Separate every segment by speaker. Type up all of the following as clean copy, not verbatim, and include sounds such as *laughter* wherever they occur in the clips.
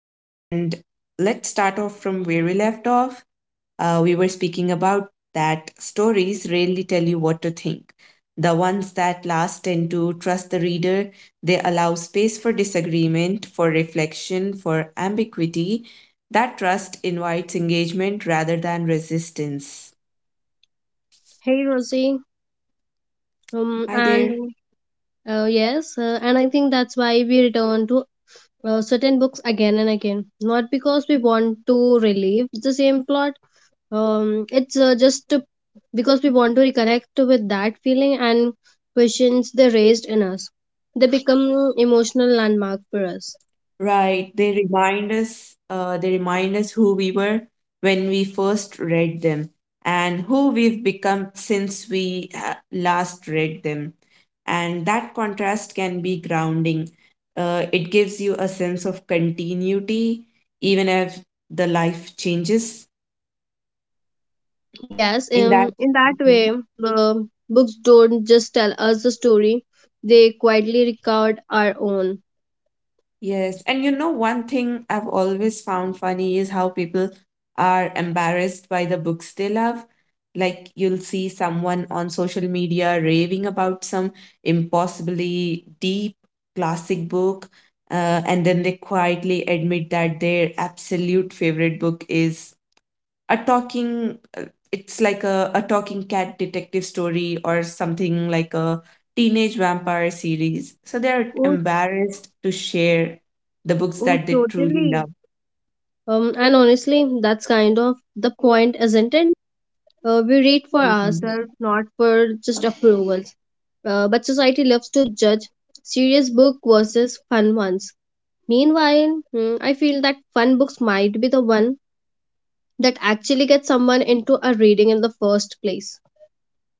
Speaker 1: And let's start off from where we left off. We were speaking about that stories rarely tell you what to think. The ones that last tend to trust the reader, they allow space for disagreement, for reflection, for ambiguity. That trust invites engagement rather than resistance.
Speaker 2: Hey Rosie.
Speaker 1: Hi there.
Speaker 2: And Yes. And I think that's why we return to certain books again and again. Not because we want to relive the same plot. Um, it's uh, just to, because we want to reconnect with that feeling and questions they raised in us. They become emotional landmark for us.
Speaker 1: Right. They remind us who we were when we first read them and who we've become since we last read them. And that contrast can be grounding. It gives you a sense of continuity, even if the life changes
Speaker 2: Yes.
Speaker 1: in that.
Speaker 2: In that
Speaker 1: Mm-hmm.
Speaker 2: way, the books don't just tell us the story; they quietly record our own.
Speaker 1: Yes, and you know, one thing I've always found funny is how people are embarrassed by the books they love. Like, you'll see someone on social media raving about some impossibly deep classic book, and then they quietly admit that their absolute favorite book is a talking it's like a talking cat detective story or something like a teenage vampire series, so they're
Speaker 2: Oh,
Speaker 1: embarrassed to share the books
Speaker 2: oh,
Speaker 1: that they truly
Speaker 2: totally.
Speaker 1: love.
Speaker 2: And honestly, that's kind of the point, isn't it? We read for
Speaker 1: Mhm.
Speaker 2: ourselves, not for just approvals. But society loves to judge serious book versus fun ones. Meanwhile, I feel that fun books might be the one that actually gets someone into a reading in the first place.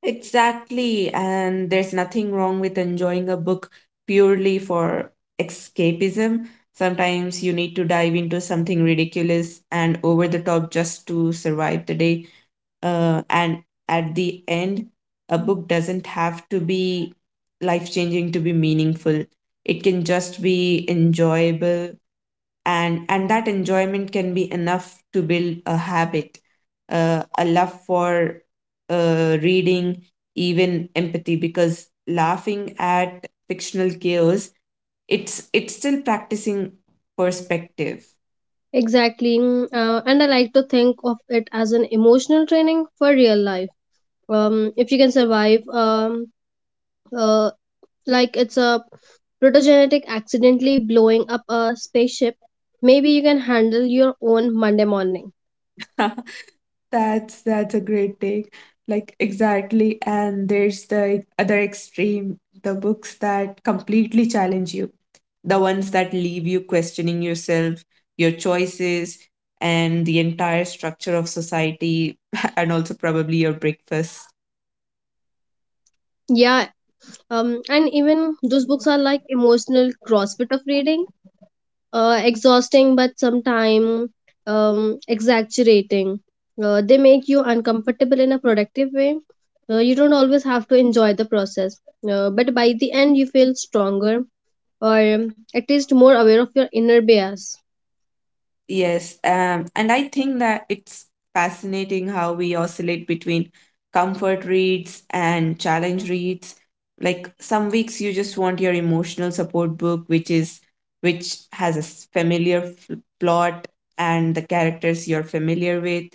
Speaker 1: Exactly. And there's nothing wrong with enjoying a book purely for escapism. Sometimes you need to dive into something ridiculous and over the top just to survive the day. And at the end, a book doesn't have to be life changing to be meaningful, it can just be enjoyable, and that enjoyment can be enough to build a habit, a love for reading, even empathy, because laughing at fictional chaos, it's still practicing perspective.
Speaker 2: Exactly. And I like to think of it as an emotional training for real life. If you can survive uh, like it's a protogenetic accidentally blowing up a spaceship, maybe you can handle your own Monday morning.
Speaker 1: *laughs* That's a great take. Like exactly, and there's the other extreme, the books that completely challenge you, the ones that leave you questioning yourself, your choices, and the entire structure of society, *laughs* and also probably your breakfast.
Speaker 2: Yeah. And even those books are like emotional crossfit of reading, exhausting but sometimes exaggerating. They make you uncomfortable in a productive way. You don't always have to enjoy the process, but by the end, you feel stronger or at least more aware of your inner bias.
Speaker 1: Yes, and I think that it's fascinating how we oscillate between comfort reads and challenge reads. Like some weeks you just want your emotional support book, which has a familiar plot and the characters you're familiar with,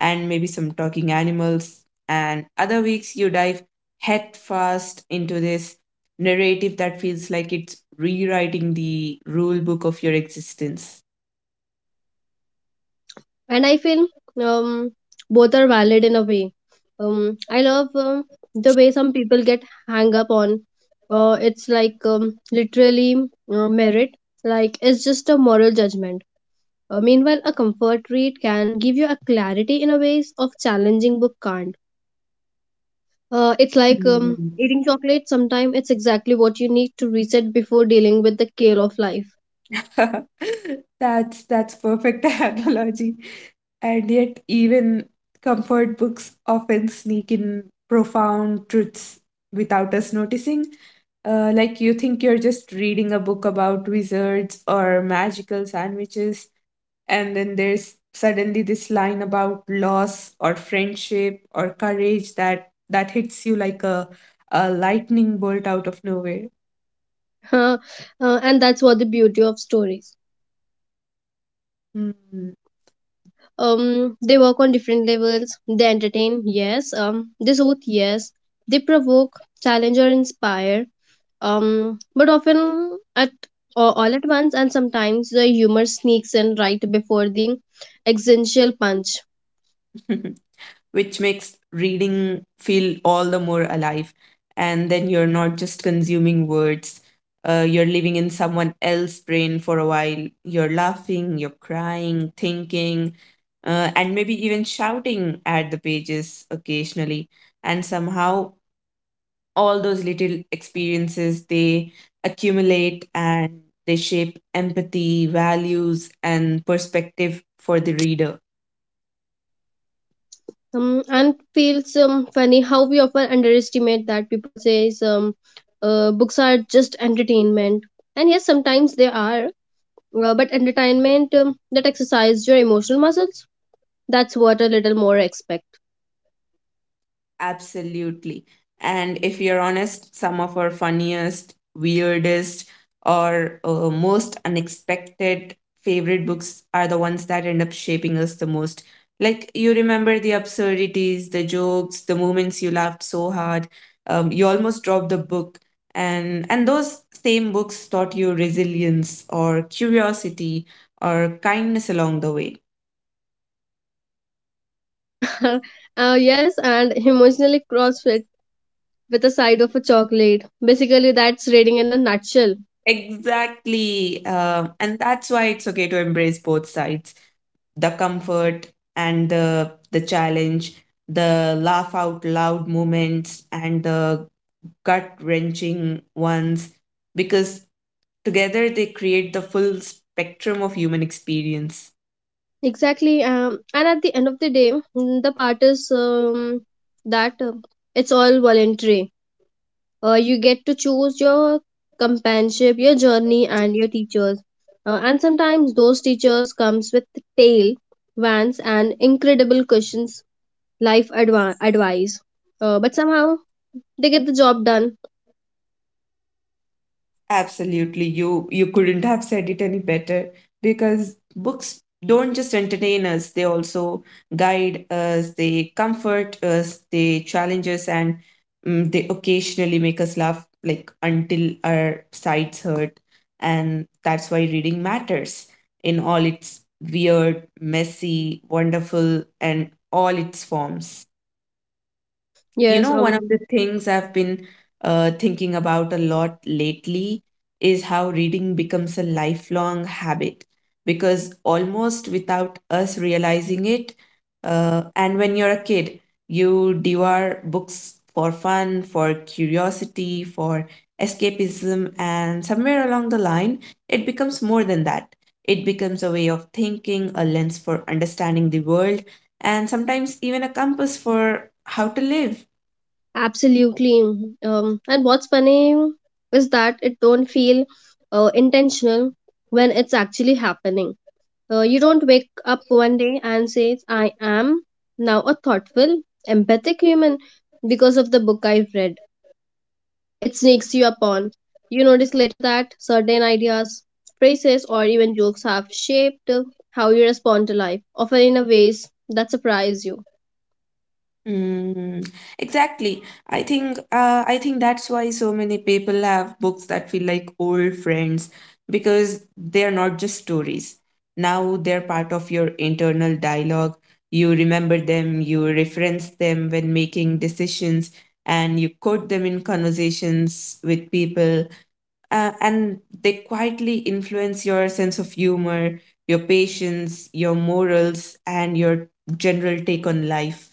Speaker 1: and maybe some talking animals. And other weeks you dive head first into this narrative that feels like it's rewriting the rule book of your existence.
Speaker 2: And I feel um, both are valid in a way. I love the way some people get hang up on. It's like literally merit, like it's just a moral judgment. Meanwhile, a comfort read can give you a clarity in a ways of challenging book can't. It's like eating chocolate. Sometimes it's exactly what you need to reset before dealing with the kale of life.
Speaker 1: *laughs* That's perfect *laughs* analogy. And yet even comfort books often sneak in profound truths without us noticing. Like you think you're just reading a book about wizards or magical sandwiches, and then there's suddenly this line about loss or friendship or courage that hits you like a lightning bolt out of nowhere.
Speaker 2: *laughs* uh, and that's what the beauty of stories.
Speaker 1: Hmm.
Speaker 2: Um, they work on different levels. They entertain, yes. They soothe, yes. They provoke, challenge, or inspire, but often at or all at once, and sometimes the humor sneaks in right before the existential punch.
Speaker 1: *laughs* Which makes reading feel all the more alive. And then you're not just consuming words, you're living in someone else's brain for a while. You're laughing, you're crying, thinking, and maybe even shouting at the pages occasionally. And somehow, all those little experiences, they accumulate and they shape empathy, values, and perspective for the reader.
Speaker 2: And feels funny how we often underestimate that people say, books are just entertainment, and yes, sometimes they are, but entertainment that exercise your emotional muscles, that's what a little more expect.
Speaker 1: Absolutely. And if you're honest, some of our funniest, weirdest, or most unexpected favorite books are the ones that end up shaping us the most. Like you remember the absurdities, the jokes, the moments you laughed so hard, you almost dropped the book, and those same books taught you resilience or curiosity or kindness along the way.
Speaker 2: *laughs* Yes, and emotionally CrossFit with a side of a chocolate. Basically, that's reading in a nutshell.
Speaker 1: Exactly. And that's why it's okay to embrace both sides, the comfort and the challenge, the laugh out loud moments and the gut wrenching ones, because together they create the full spectrum of human experience.
Speaker 2: Exactly. And at the end of the day, the part is that it's all voluntary. You get to choose your companionship, your journey, and your teachers. And sometimes those teachers comes with tale, vans, and incredible questions, advice. But somehow they get the job done.
Speaker 1: Absolutely. You couldn't have said it any better, because books don't just entertain us, they also guide us, they comfort us, they challenge us, and mm, they occasionally make us laugh like until our sides hurt. And that's why reading matters in all its weird, messy, wonderful, and all its forms. You
Speaker 2: Yes.
Speaker 1: know, one of the things I've been thinking about a lot lately is how reading becomes a lifelong habit, because almost without us realizing it, and when you're a kid, you devour books for fun, for curiosity, for escapism, and somewhere along the line, it becomes more than that. It becomes a way of thinking, a lens for understanding the world, and sometimes even a compass for how to live.
Speaker 2: Absolutely. And what's funny is that it don't feel intentional when it's actually happening. You don't wake up one day and say, I am now a thoughtful, empathic human because of the book I've read. It sneaks you upon. You notice later that certain ideas, phrases, or even jokes have shaped how you respond to life, often in a ways that surprise you.
Speaker 1: Mm, exactly. I think that's why so many people have books that feel like old friends, because they're not just stories. Now they're part of your internal dialogue. You remember them, you reference them when making decisions, and you quote them in conversations with people, and they quietly influence your sense of humor, your patience, your morals, and your general take on life.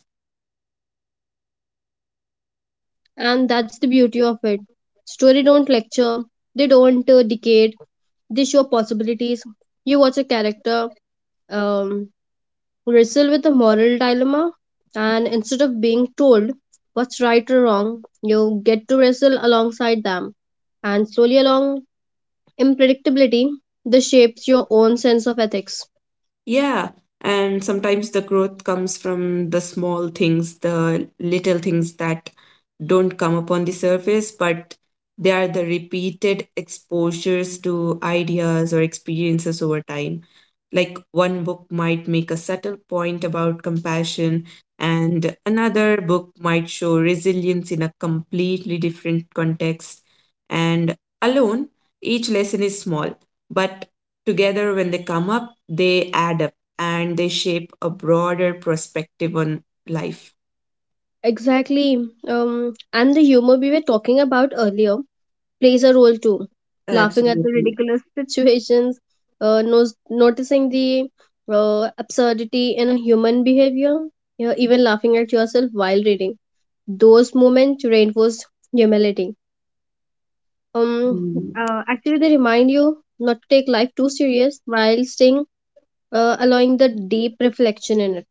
Speaker 2: And that's the beauty of it. Story don't lecture, they don't decade, they show possibilities. You watch a character um, wrestle with a moral dilemma, and instead of being told what's right or wrong, you get to wrestle alongside them, and slowly along unpredictability this shapes your own sense of ethics.
Speaker 1: Yeah, and sometimes the growth comes from the small things, the little things that don't come up on the surface, but they are the repeated exposures to ideas or experiences over time. Like one book might make a subtle point about compassion, and another book might show resilience in a completely different context. And alone, each lesson is small, but together when they come up, they add up and they shape a broader perspective on life.
Speaker 2: Exactly. And the humor we were talking about earlier plays a role too. Laughing at the
Speaker 1: Absolutely.
Speaker 2: ridiculous *laughs* situations, noticing the absurdity in a human behavior, yeah, even laughing at yourself while reading. Those moments reinforce humility. Um,
Speaker 1: Mm.
Speaker 2: Actually, they remind you not to take life too serious while staying, allowing the deep reflection in it.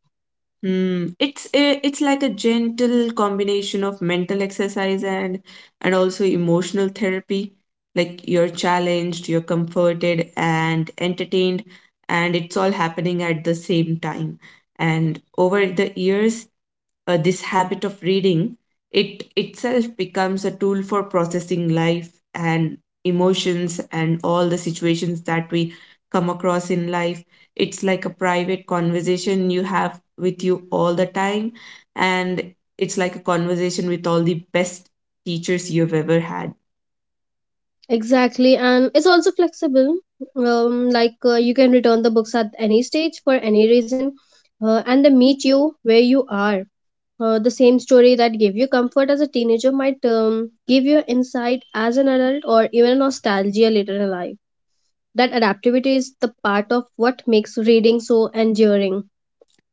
Speaker 1: Hmm. It's a, it's like a gentle combination of mental exercise and also emotional therapy. Like you're challenged, you're comforted and entertained, and it's all happening at the same time. And over the years, this habit of reading, it itself becomes a tool for processing life and emotions and all the situations that we come across in life. It's like a private conversation you have with you all the time, and it's like a conversation with all the best teachers you've ever had.
Speaker 2: Exactly, and it's also flexible. You can return the books at any stage for any reason, and they meet you where you are. The same story that gave you comfort as a teenager might give you insight as an adult or even nostalgia later in life. That adaptability is the part of what makes reading so enduring.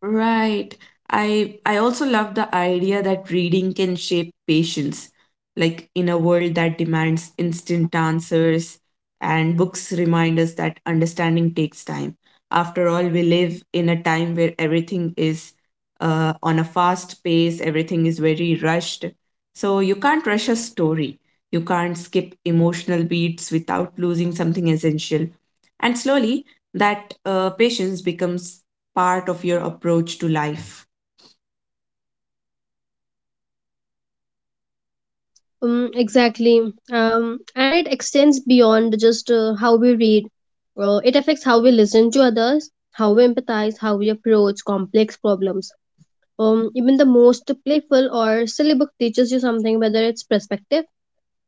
Speaker 1: Right. I also love the idea that reading can shape patience. Like in a world that demands instant answers, and books remind us that understanding takes time. After all, we live in a time where everything is on a fast pace, everything is very rushed. So you can't rush a story. You can't skip emotional beats without losing something essential. And slowly, that patience becomes part of your approach to life.
Speaker 2: Exactly. And it extends beyond just how we read. It affects how we listen to others, how we empathize, how we approach complex problems. Even the most playful or silly book teaches you something, whether it's perspective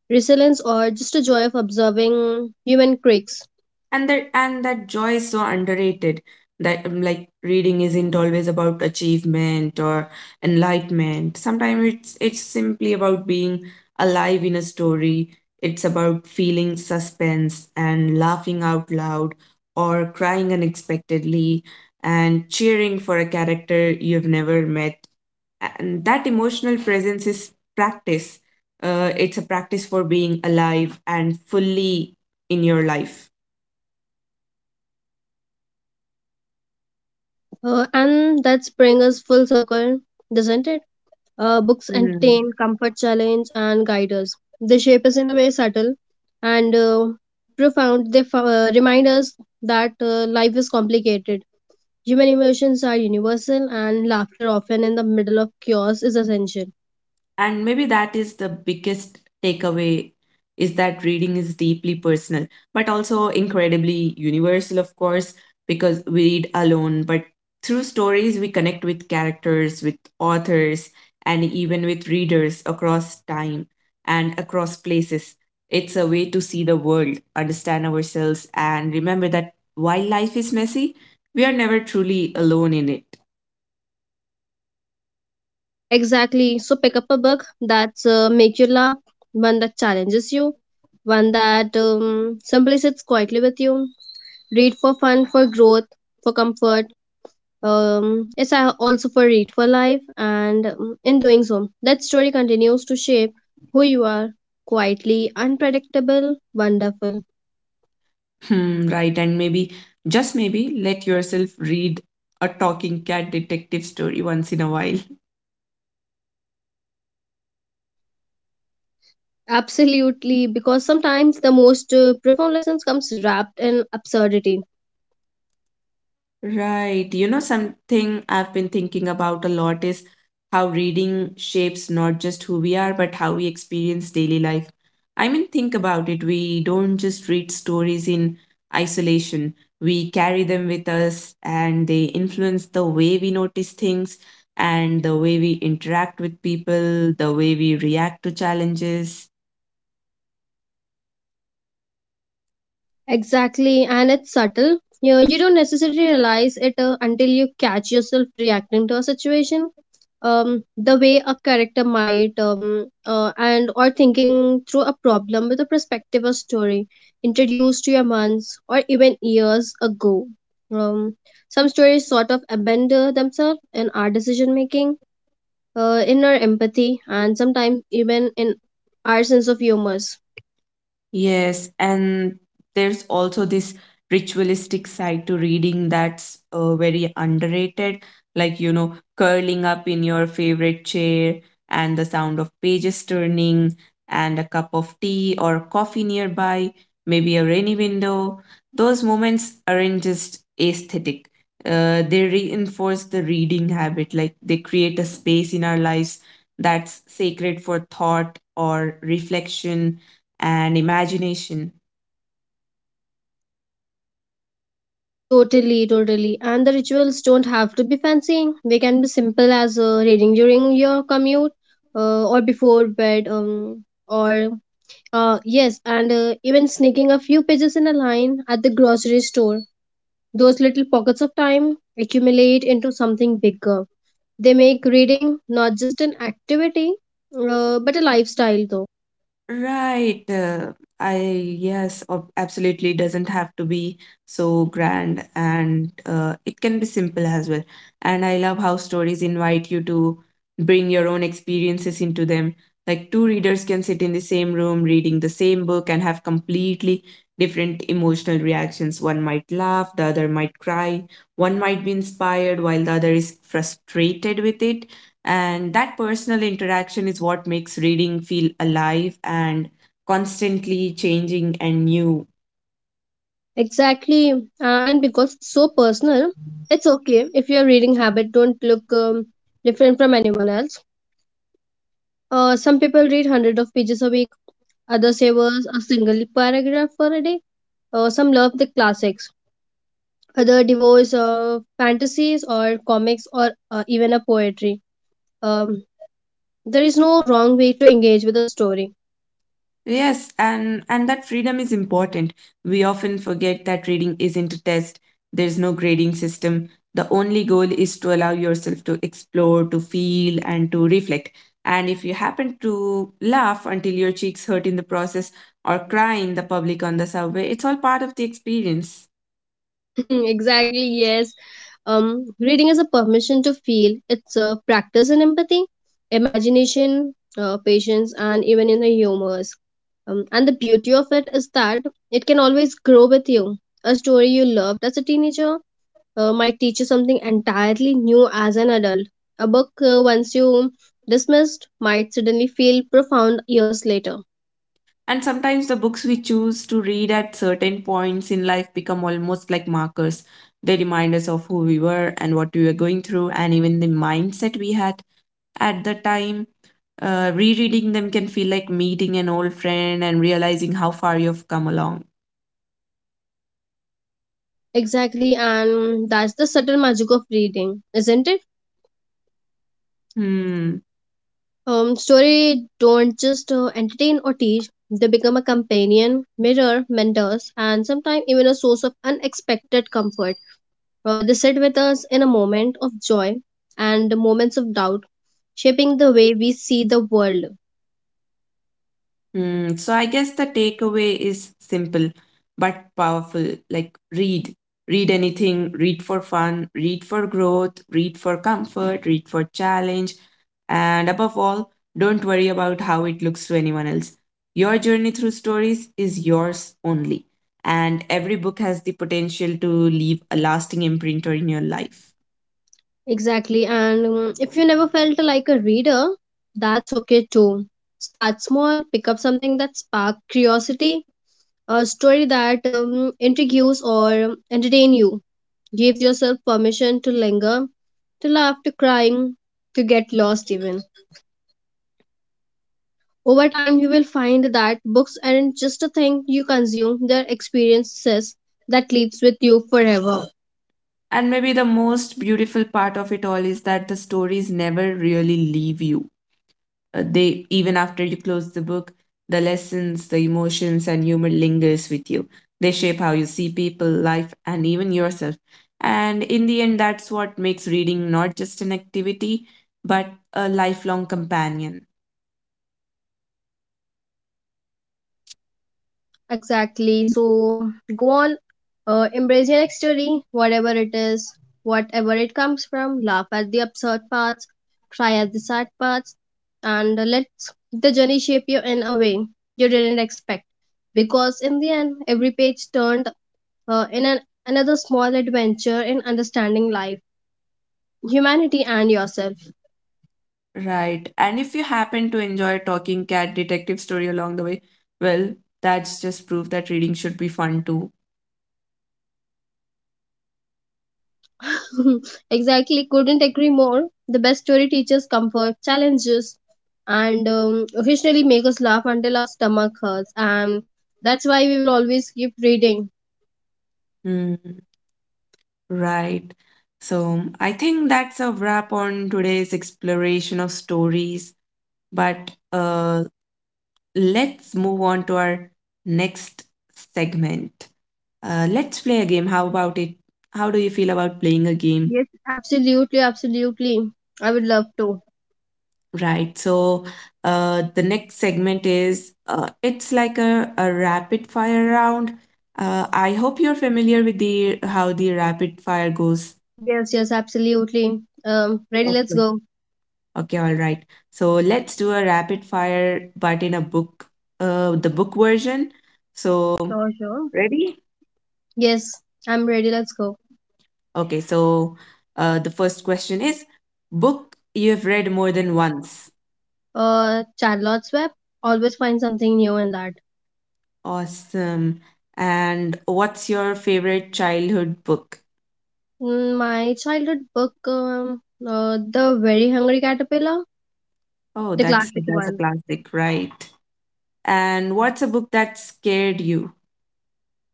Speaker 2: resilience, or just a joy of observing human quirks.
Speaker 1: And that joy is so underrated. That like reading isn't always about achievement or enlightenment. Sometimes it's simply about being alive in a story. It's about feeling suspense and laughing out loud or crying unexpectedly and cheering for a character you've never met, and that emotional presence is practice. It's a practice for being alive and fully in your life.
Speaker 2: And that's bring us full circle, doesn't it? Books entertain, comfort, challenge, and guide us. They shape us in a way subtle and profound. Remind us that life is complicated. Human emotions are universal, and laughter, often in the middle of chaos, is essential.
Speaker 1: And maybe that is the biggest takeaway, is that reading is deeply personal but also incredibly universal, of course, because we read alone, but through stories we connect with characters, with authors, and even with readers across time and across places. It's a way to see the world, understand ourselves, and remember that while life is messy, we are never truly alone in it.
Speaker 2: Exactly. So pick up a book that's make you laugh, one that challenges you, one that simply sits quietly with you. Read for fun, for growth, for comfort. Also for read for life, and in doing so, that story continues to shape who you are. Quietly unpredictable, wonderful.
Speaker 1: Hmm, right, and maybe, just maybe, let yourself read a talking cat detective story once in a while.
Speaker 2: Absolutely, because sometimes the most profound lessons comes wrapped in absurdity.
Speaker 1: Right. You know, something I've been thinking about a lot is how reading shapes not just who we are, but how we experience daily life. I mean, think about it. We don't just read stories in isolation, we carry them with us, and they influence the way we notice things and the way we interact with people, the way we react to challenges.
Speaker 2: Exactly, and it's subtle. You know, you don't necessarily realize it until you catch yourself reacting to a situation. The way a character might, and or thinking through a problem with a perspective or story introduced to you months or even years ago. Um, some stories sort of abandon themselves in our decision making, in our empathy, and sometimes even in our sense of humor.
Speaker 1: Yes, and there's also this ritualistic side to reading that's very underrated, like, you know, curling up in your favorite chair and the sound of pages turning and a cup of tea or coffee nearby, maybe a rainy window. Those moments aren't just aesthetic. They reinforce the reading habit, like they create a space in our lives that's sacred for thought or reflection and imagination.
Speaker 2: Totally. And the rituals don't have to be fancy. They can be simple as reading during your commute, or before bed, or yes, and even sneaking a few pages in a line at the grocery store. Those little pockets of time accumulate into something bigger. They make reading not just an activity, but a lifestyle, though.
Speaker 1: Right. I yes, absolutely doesn't have to be so grand, and it can be simple as well. And I love how stories invite you to bring your own experiences into them. Like two readers can sit in the same room reading the same book and have completely different emotional reactions. One might laugh, the other might cry, one might be inspired while the other is frustrated with it. And that personal interaction is what makes reading feel alive and constantly changing and new.
Speaker 2: Exactly, and because it's so personal, it's okay if your reading habit don't look different from anyone else. Some people read hundred of pages a week, others savor a single paragraph for a day. Some love the classics, other devours fantasies or comics or even a poetry. Um, there is no wrong way to engage with a story.
Speaker 1: Yes, and, that freedom is important. We often forget that reading isn't a test, there's no grading system. The only goal is to allow yourself to explore, to feel, and to reflect. And if you happen to laugh until your cheeks hurt in the process or cry in the public on the subway, it's all part of the experience.
Speaker 2: *laughs* exactly, yes. Reading is a permission to feel. It's a practice in empathy, imagination, patience, and even in the humors. And the beauty of it is that it can always grow with you. A story you loved as a teenager might teach you something entirely new as an adult. A book, once you dismissed, might suddenly feel profound years later.
Speaker 1: And sometimes the books we choose to read at certain points in life become almost like markers. They remind us of who we were and what we were going through, and even the mindset we had at the time. Rereading them can feel like meeting an old friend and realizing how far you've come along.
Speaker 2: Exactly, and that's the subtle magic of reading, isn't it?
Speaker 1: Hmm.
Speaker 2: Story don't just entertain or teach; they become a companion, mirror, mentors, and sometimes even a source of unexpected comfort. They sit with us in a moment of joy and moments of doubt, shaping the way we see the world.
Speaker 1: Hmm. So I guess the takeaway is simple but powerful. Like read, read anything, read for fun, read for growth, read for comfort, read for challenge, and above all, don't worry about how it looks to anyone else. Your journey through stories is yours only, and every book has the potential to leave a lasting imprint in your life.
Speaker 2: Exactly, and if you never felt like a reader, that's okay too. Start small, pick up something that spark curiosity, a story that intrigues or entertain you. Give yourself permission to linger, to laugh, to crying, to get lost even. Over time, you will find that books aren't just a thing you consume, they're experiences that lives with you forever.
Speaker 1: And maybe the most beautiful part of it all is that the stories never really leave you. They even after you close the book, the lessons, the emotions and humor lingers with you. They shape how you see people, life and even yourself. And in the end that's what makes reading not just an activity but a lifelong companion.
Speaker 2: Exactly. So go on, embrace your next story, whatever it is, whatever it comes from. Laugh at the absurd parts, cry at the sad parts, and let the journey shape you in a way you didn't expect, because in the end every page turned uh, in an, another small adventure in understanding life, humanity, and yourself.
Speaker 1: Right. And if you happen to enjoy talking cat detective story along the way, well, that's just proof that reading should be fun too.
Speaker 2: *laughs* exactly, couldn't agree more. The best story teaches comfort, challenges, and occasionally make us laugh until our stomach hurts. And that's why we will always keep reading.
Speaker 1: Hmm. Right. So I think that's a wrap on today's exploration of stories. But let's move on to our next segment. Let's play a game. How about it? How do you feel about playing a game?
Speaker 2: Yes, absolutely, absolutely. I would love to.
Speaker 1: Right. So the next segment is it's like a rapid fire round. I hope you're familiar with the how the rapid fire goes.
Speaker 2: Yes, yes, absolutely. Ready? Let's
Speaker 1: Okay.
Speaker 2: go.
Speaker 1: Okay. All right. So let's do a rapid fire, but in a book, the book version. So
Speaker 2: Sure, sure.
Speaker 1: ready?
Speaker 2: Yes, I'm ready. Let's go.
Speaker 1: Okay, so the first question is book you have read more than once.
Speaker 2: Charlotte's Web. Always find something new in that.
Speaker 1: Awesome. And what's your favorite childhood book?
Speaker 2: My childhood book, The Very Hungry Caterpillar,
Speaker 1: Oh,
Speaker 2: the
Speaker 1: that's
Speaker 2: classic
Speaker 1: that's a
Speaker 2: one.
Speaker 1: classic, right? And what's a book that scared you?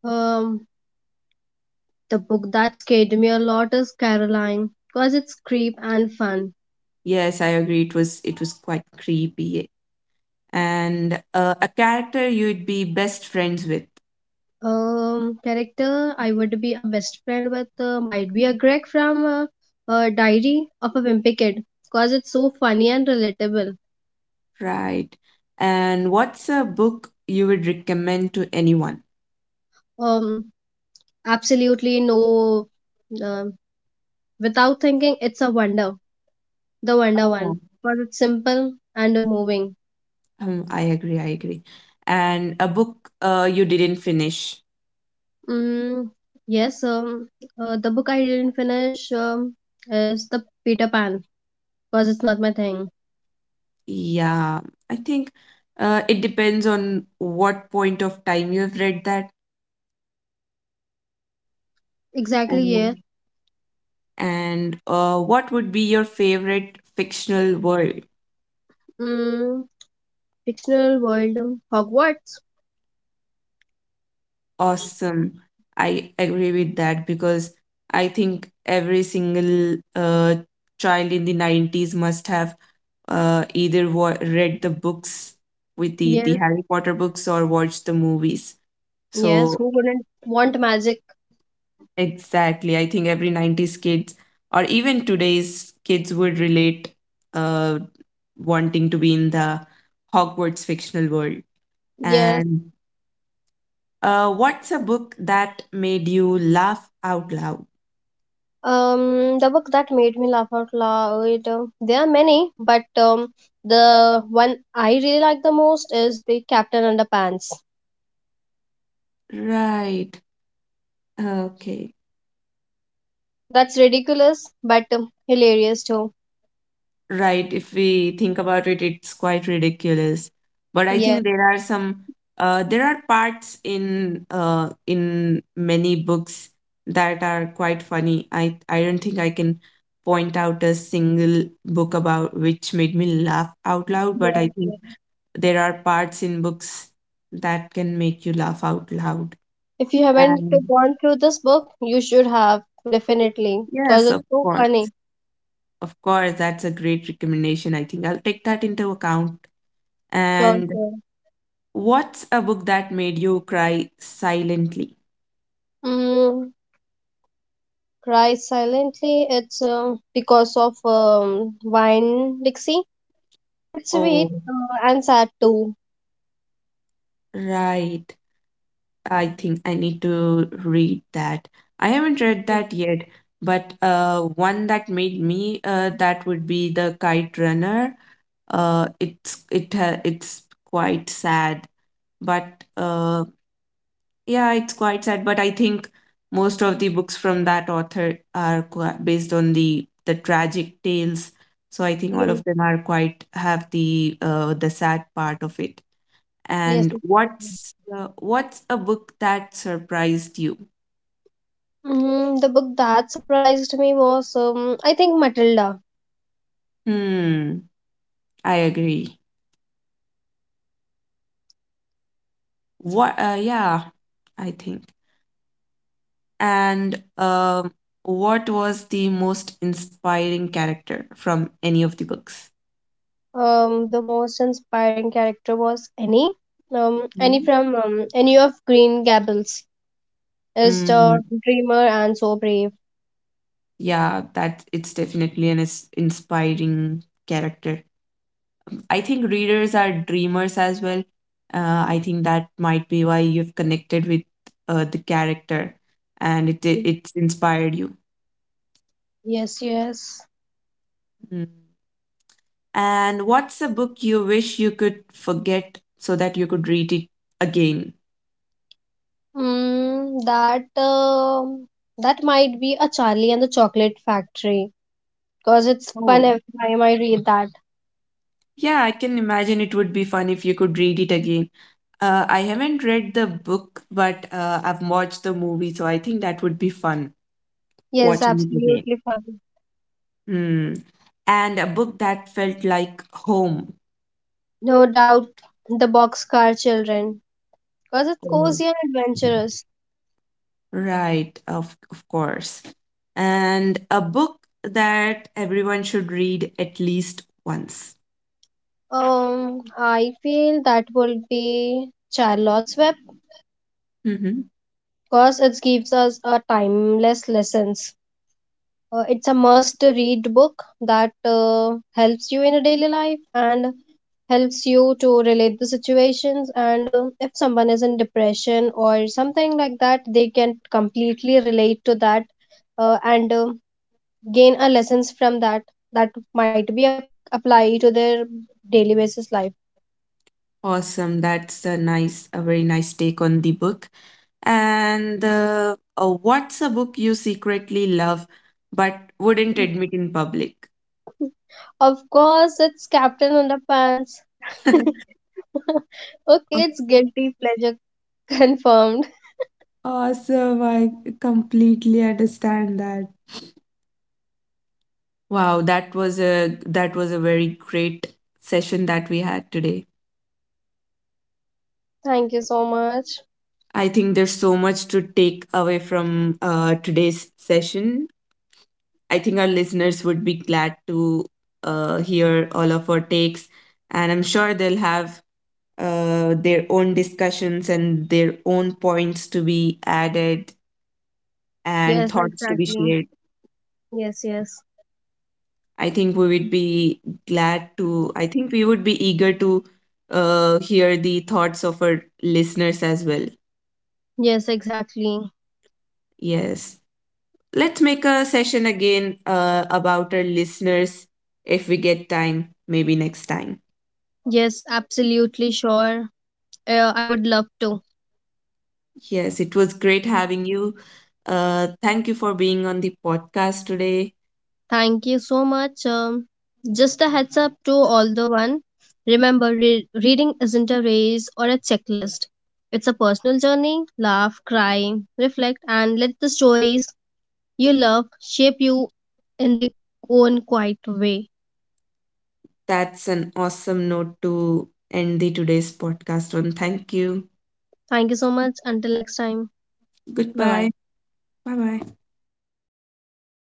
Speaker 2: Um, the book that scared me a lot is Caroline, because it's creep and fun.
Speaker 1: Yes, I agree. It was quite creepy. And a character you'd be best friends with,
Speaker 2: Character I would be a best friend with might be a Greg from Diary of a Wimpy Kid, because it's so funny and relatable.
Speaker 1: right? And what's a book you would recommend to anyone?
Speaker 2: Um, Absolutely no, um without thinking, it's a wonder, the wonder
Speaker 1: Oh.
Speaker 2: one, because it's simple and moving.
Speaker 1: I agree, I agree. And a book you didn't finish.
Speaker 2: Mm, yes, the book I didn't finish is the Peter Pan because it's not my thing.
Speaker 1: Yeah, I think it depends on what point of time you have read that.
Speaker 2: Exactly, yeah.
Speaker 1: Um, And what would be your favorite fictional world?
Speaker 2: Mm, Fictional world, Hogwarts.
Speaker 1: Awesome. I agree with that because I think every single child in the 90s must have either read the books with the
Speaker 2: Yes,
Speaker 1: Harry Potter books or watched the movies.
Speaker 2: yes.
Speaker 1: So
Speaker 2: Who wouldn't want magic?
Speaker 1: exactly. I think every 90s kids or even today's kids would relate uh, wanting to be in the Hogwarts fictional world.
Speaker 2: Yes.
Speaker 1: And what's a book that made you laugh out loud?
Speaker 2: The book that made me laugh out loud. There are many, but the one I really like the most is the Captain Underpants.
Speaker 1: Right. Okay.
Speaker 2: That's ridiculous, but hilarious too.
Speaker 1: Right, if we think about it, it's quite ridiculous. But I
Speaker 2: Yes,
Speaker 1: think there are some there are parts in many books that are quite funny. I don't think I can point out a single book about which made me laugh out loud, but I think
Speaker 2: yes.
Speaker 1: there are parts in books that can make you laugh out loud.
Speaker 2: If you haven't
Speaker 1: And
Speaker 2: gone through this book, you should have definitely because
Speaker 1: yes,
Speaker 2: it's so funny.
Speaker 1: of course, that's a great recommendation. I think I'll take that into account.
Speaker 2: Sure,
Speaker 1: And
Speaker 2: sure.
Speaker 1: what's a book that made you cry silently?
Speaker 2: Mm, Cry silently. It's because of wine Dixie. It's
Speaker 1: Oh,
Speaker 2: sweet and sad too.
Speaker 1: right. I think I need to read that. I haven't read that yet, but one that made me that would be The Kite Runner. It's it's quite sad, but uh, yeah, it's quite sad, but I think most of the books from that author are based on the tragic tales. So I think all
Speaker 2: Yes,
Speaker 1: of them are quite have the sad part of it.
Speaker 2: yes.
Speaker 1: And
Speaker 2: It's sweet.
Speaker 1: what's a book that surprised you?
Speaker 2: The book that surprised me was I think Matilda.
Speaker 1: Hmm, I agree. What? Yeah, I think. And what was the most inspiring character from any of the books?
Speaker 2: The most inspiring character was Annie. Annie from Annie of Green Gables is
Speaker 1: Hmm.
Speaker 2: the dreamer and so brave.
Speaker 1: Yeah, that it's definitely an inspiring character. I think readers are dreamers as well. I think that might be why you've connected with the character, and it's inspired you.
Speaker 2: Yes, yes.
Speaker 1: Mm. And what's a book you wish you could forget so that you could read it again?
Speaker 2: Mm, that um that might be a Charlie and the Chocolate Factory because it's fun
Speaker 1: Oh,
Speaker 2: every time I read that.
Speaker 1: yeah, I can imagine it would be fun if you could read it again. I haven't read the book, but I've watched the movie, so I think that would be fun
Speaker 2: Yes,
Speaker 1: watching it again.
Speaker 2: absolutely fun.
Speaker 1: Mm. And a book that felt like home.
Speaker 2: No doubt, the Boxcar Children because it's
Speaker 1: Oh,
Speaker 2: cozy and adventurous.
Speaker 1: right, of course. And a book that everyone should read at least once.
Speaker 2: I feel that would be Charlotte's Web
Speaker 1: Hmm.
Speaker 2: because it gives us a timeless lessons. It's a must read book that helps you in a daily life and helps you to relate the situations, and if someone is in depression or something like that, they can completely relate to that and gain a lessons from that that might apply to their daily basis life.
Speaker 1: Awesome. That's a nice, a very nice take on the book. And what's a book you secretly love but wouldn't admit in public?
Speaker 2: Of course it's captain underpants.
Speaker 1: *laughs*
Speaker 2: *laughs* okay, it's
Speaker 1: Okay.
Speaker 2: guilty pleasure. *laughs* confirmed.
Speaker 1: Awesome. I completely understand that. Wow, that was a very great session that we had today.
Speaker 2: Thank you so much.
Speaker 1: I think there's so much to take away from today's session. I think our listeners would be glad to hear all of our takes, and I'm sure they'll have their own discussions and their own points to be added and
Speaker 2: Yes,
Speaker 1: thoughts to be
Speaker 2: exactly.
Speaker 1: shared.
Speaker 2: Yes, yes.
Speaker 1: I think we would be glad to, I think we would be eager to hear the thoughts of our listeners as well.
Speaker 2: Yes, exactly.
Speaker 1: Yes. Let's make a session again about our listeners if we get time, maybe next time.
Speaker 2: Yes, absolutely sure. I would love to.
Speaker 1: Yes, it was great having you. Thank you for being on the podcast today.
Speaker 2: Thank you so much. Just a heads up to all the one. Remember, reading isn't a race or a checklist. It's a personal journey. Laugh, cry, reflect, and let the stories you love shape you in their own quiet way.
Speaker 1: That's an awesome note to end the today's podcast on. Thank you.
Speaker 2: Thank you so much. Until next time. Bye
Speaker 1: Goodbye.
Speaker 2: bye.
Speaker 1: Bye bye.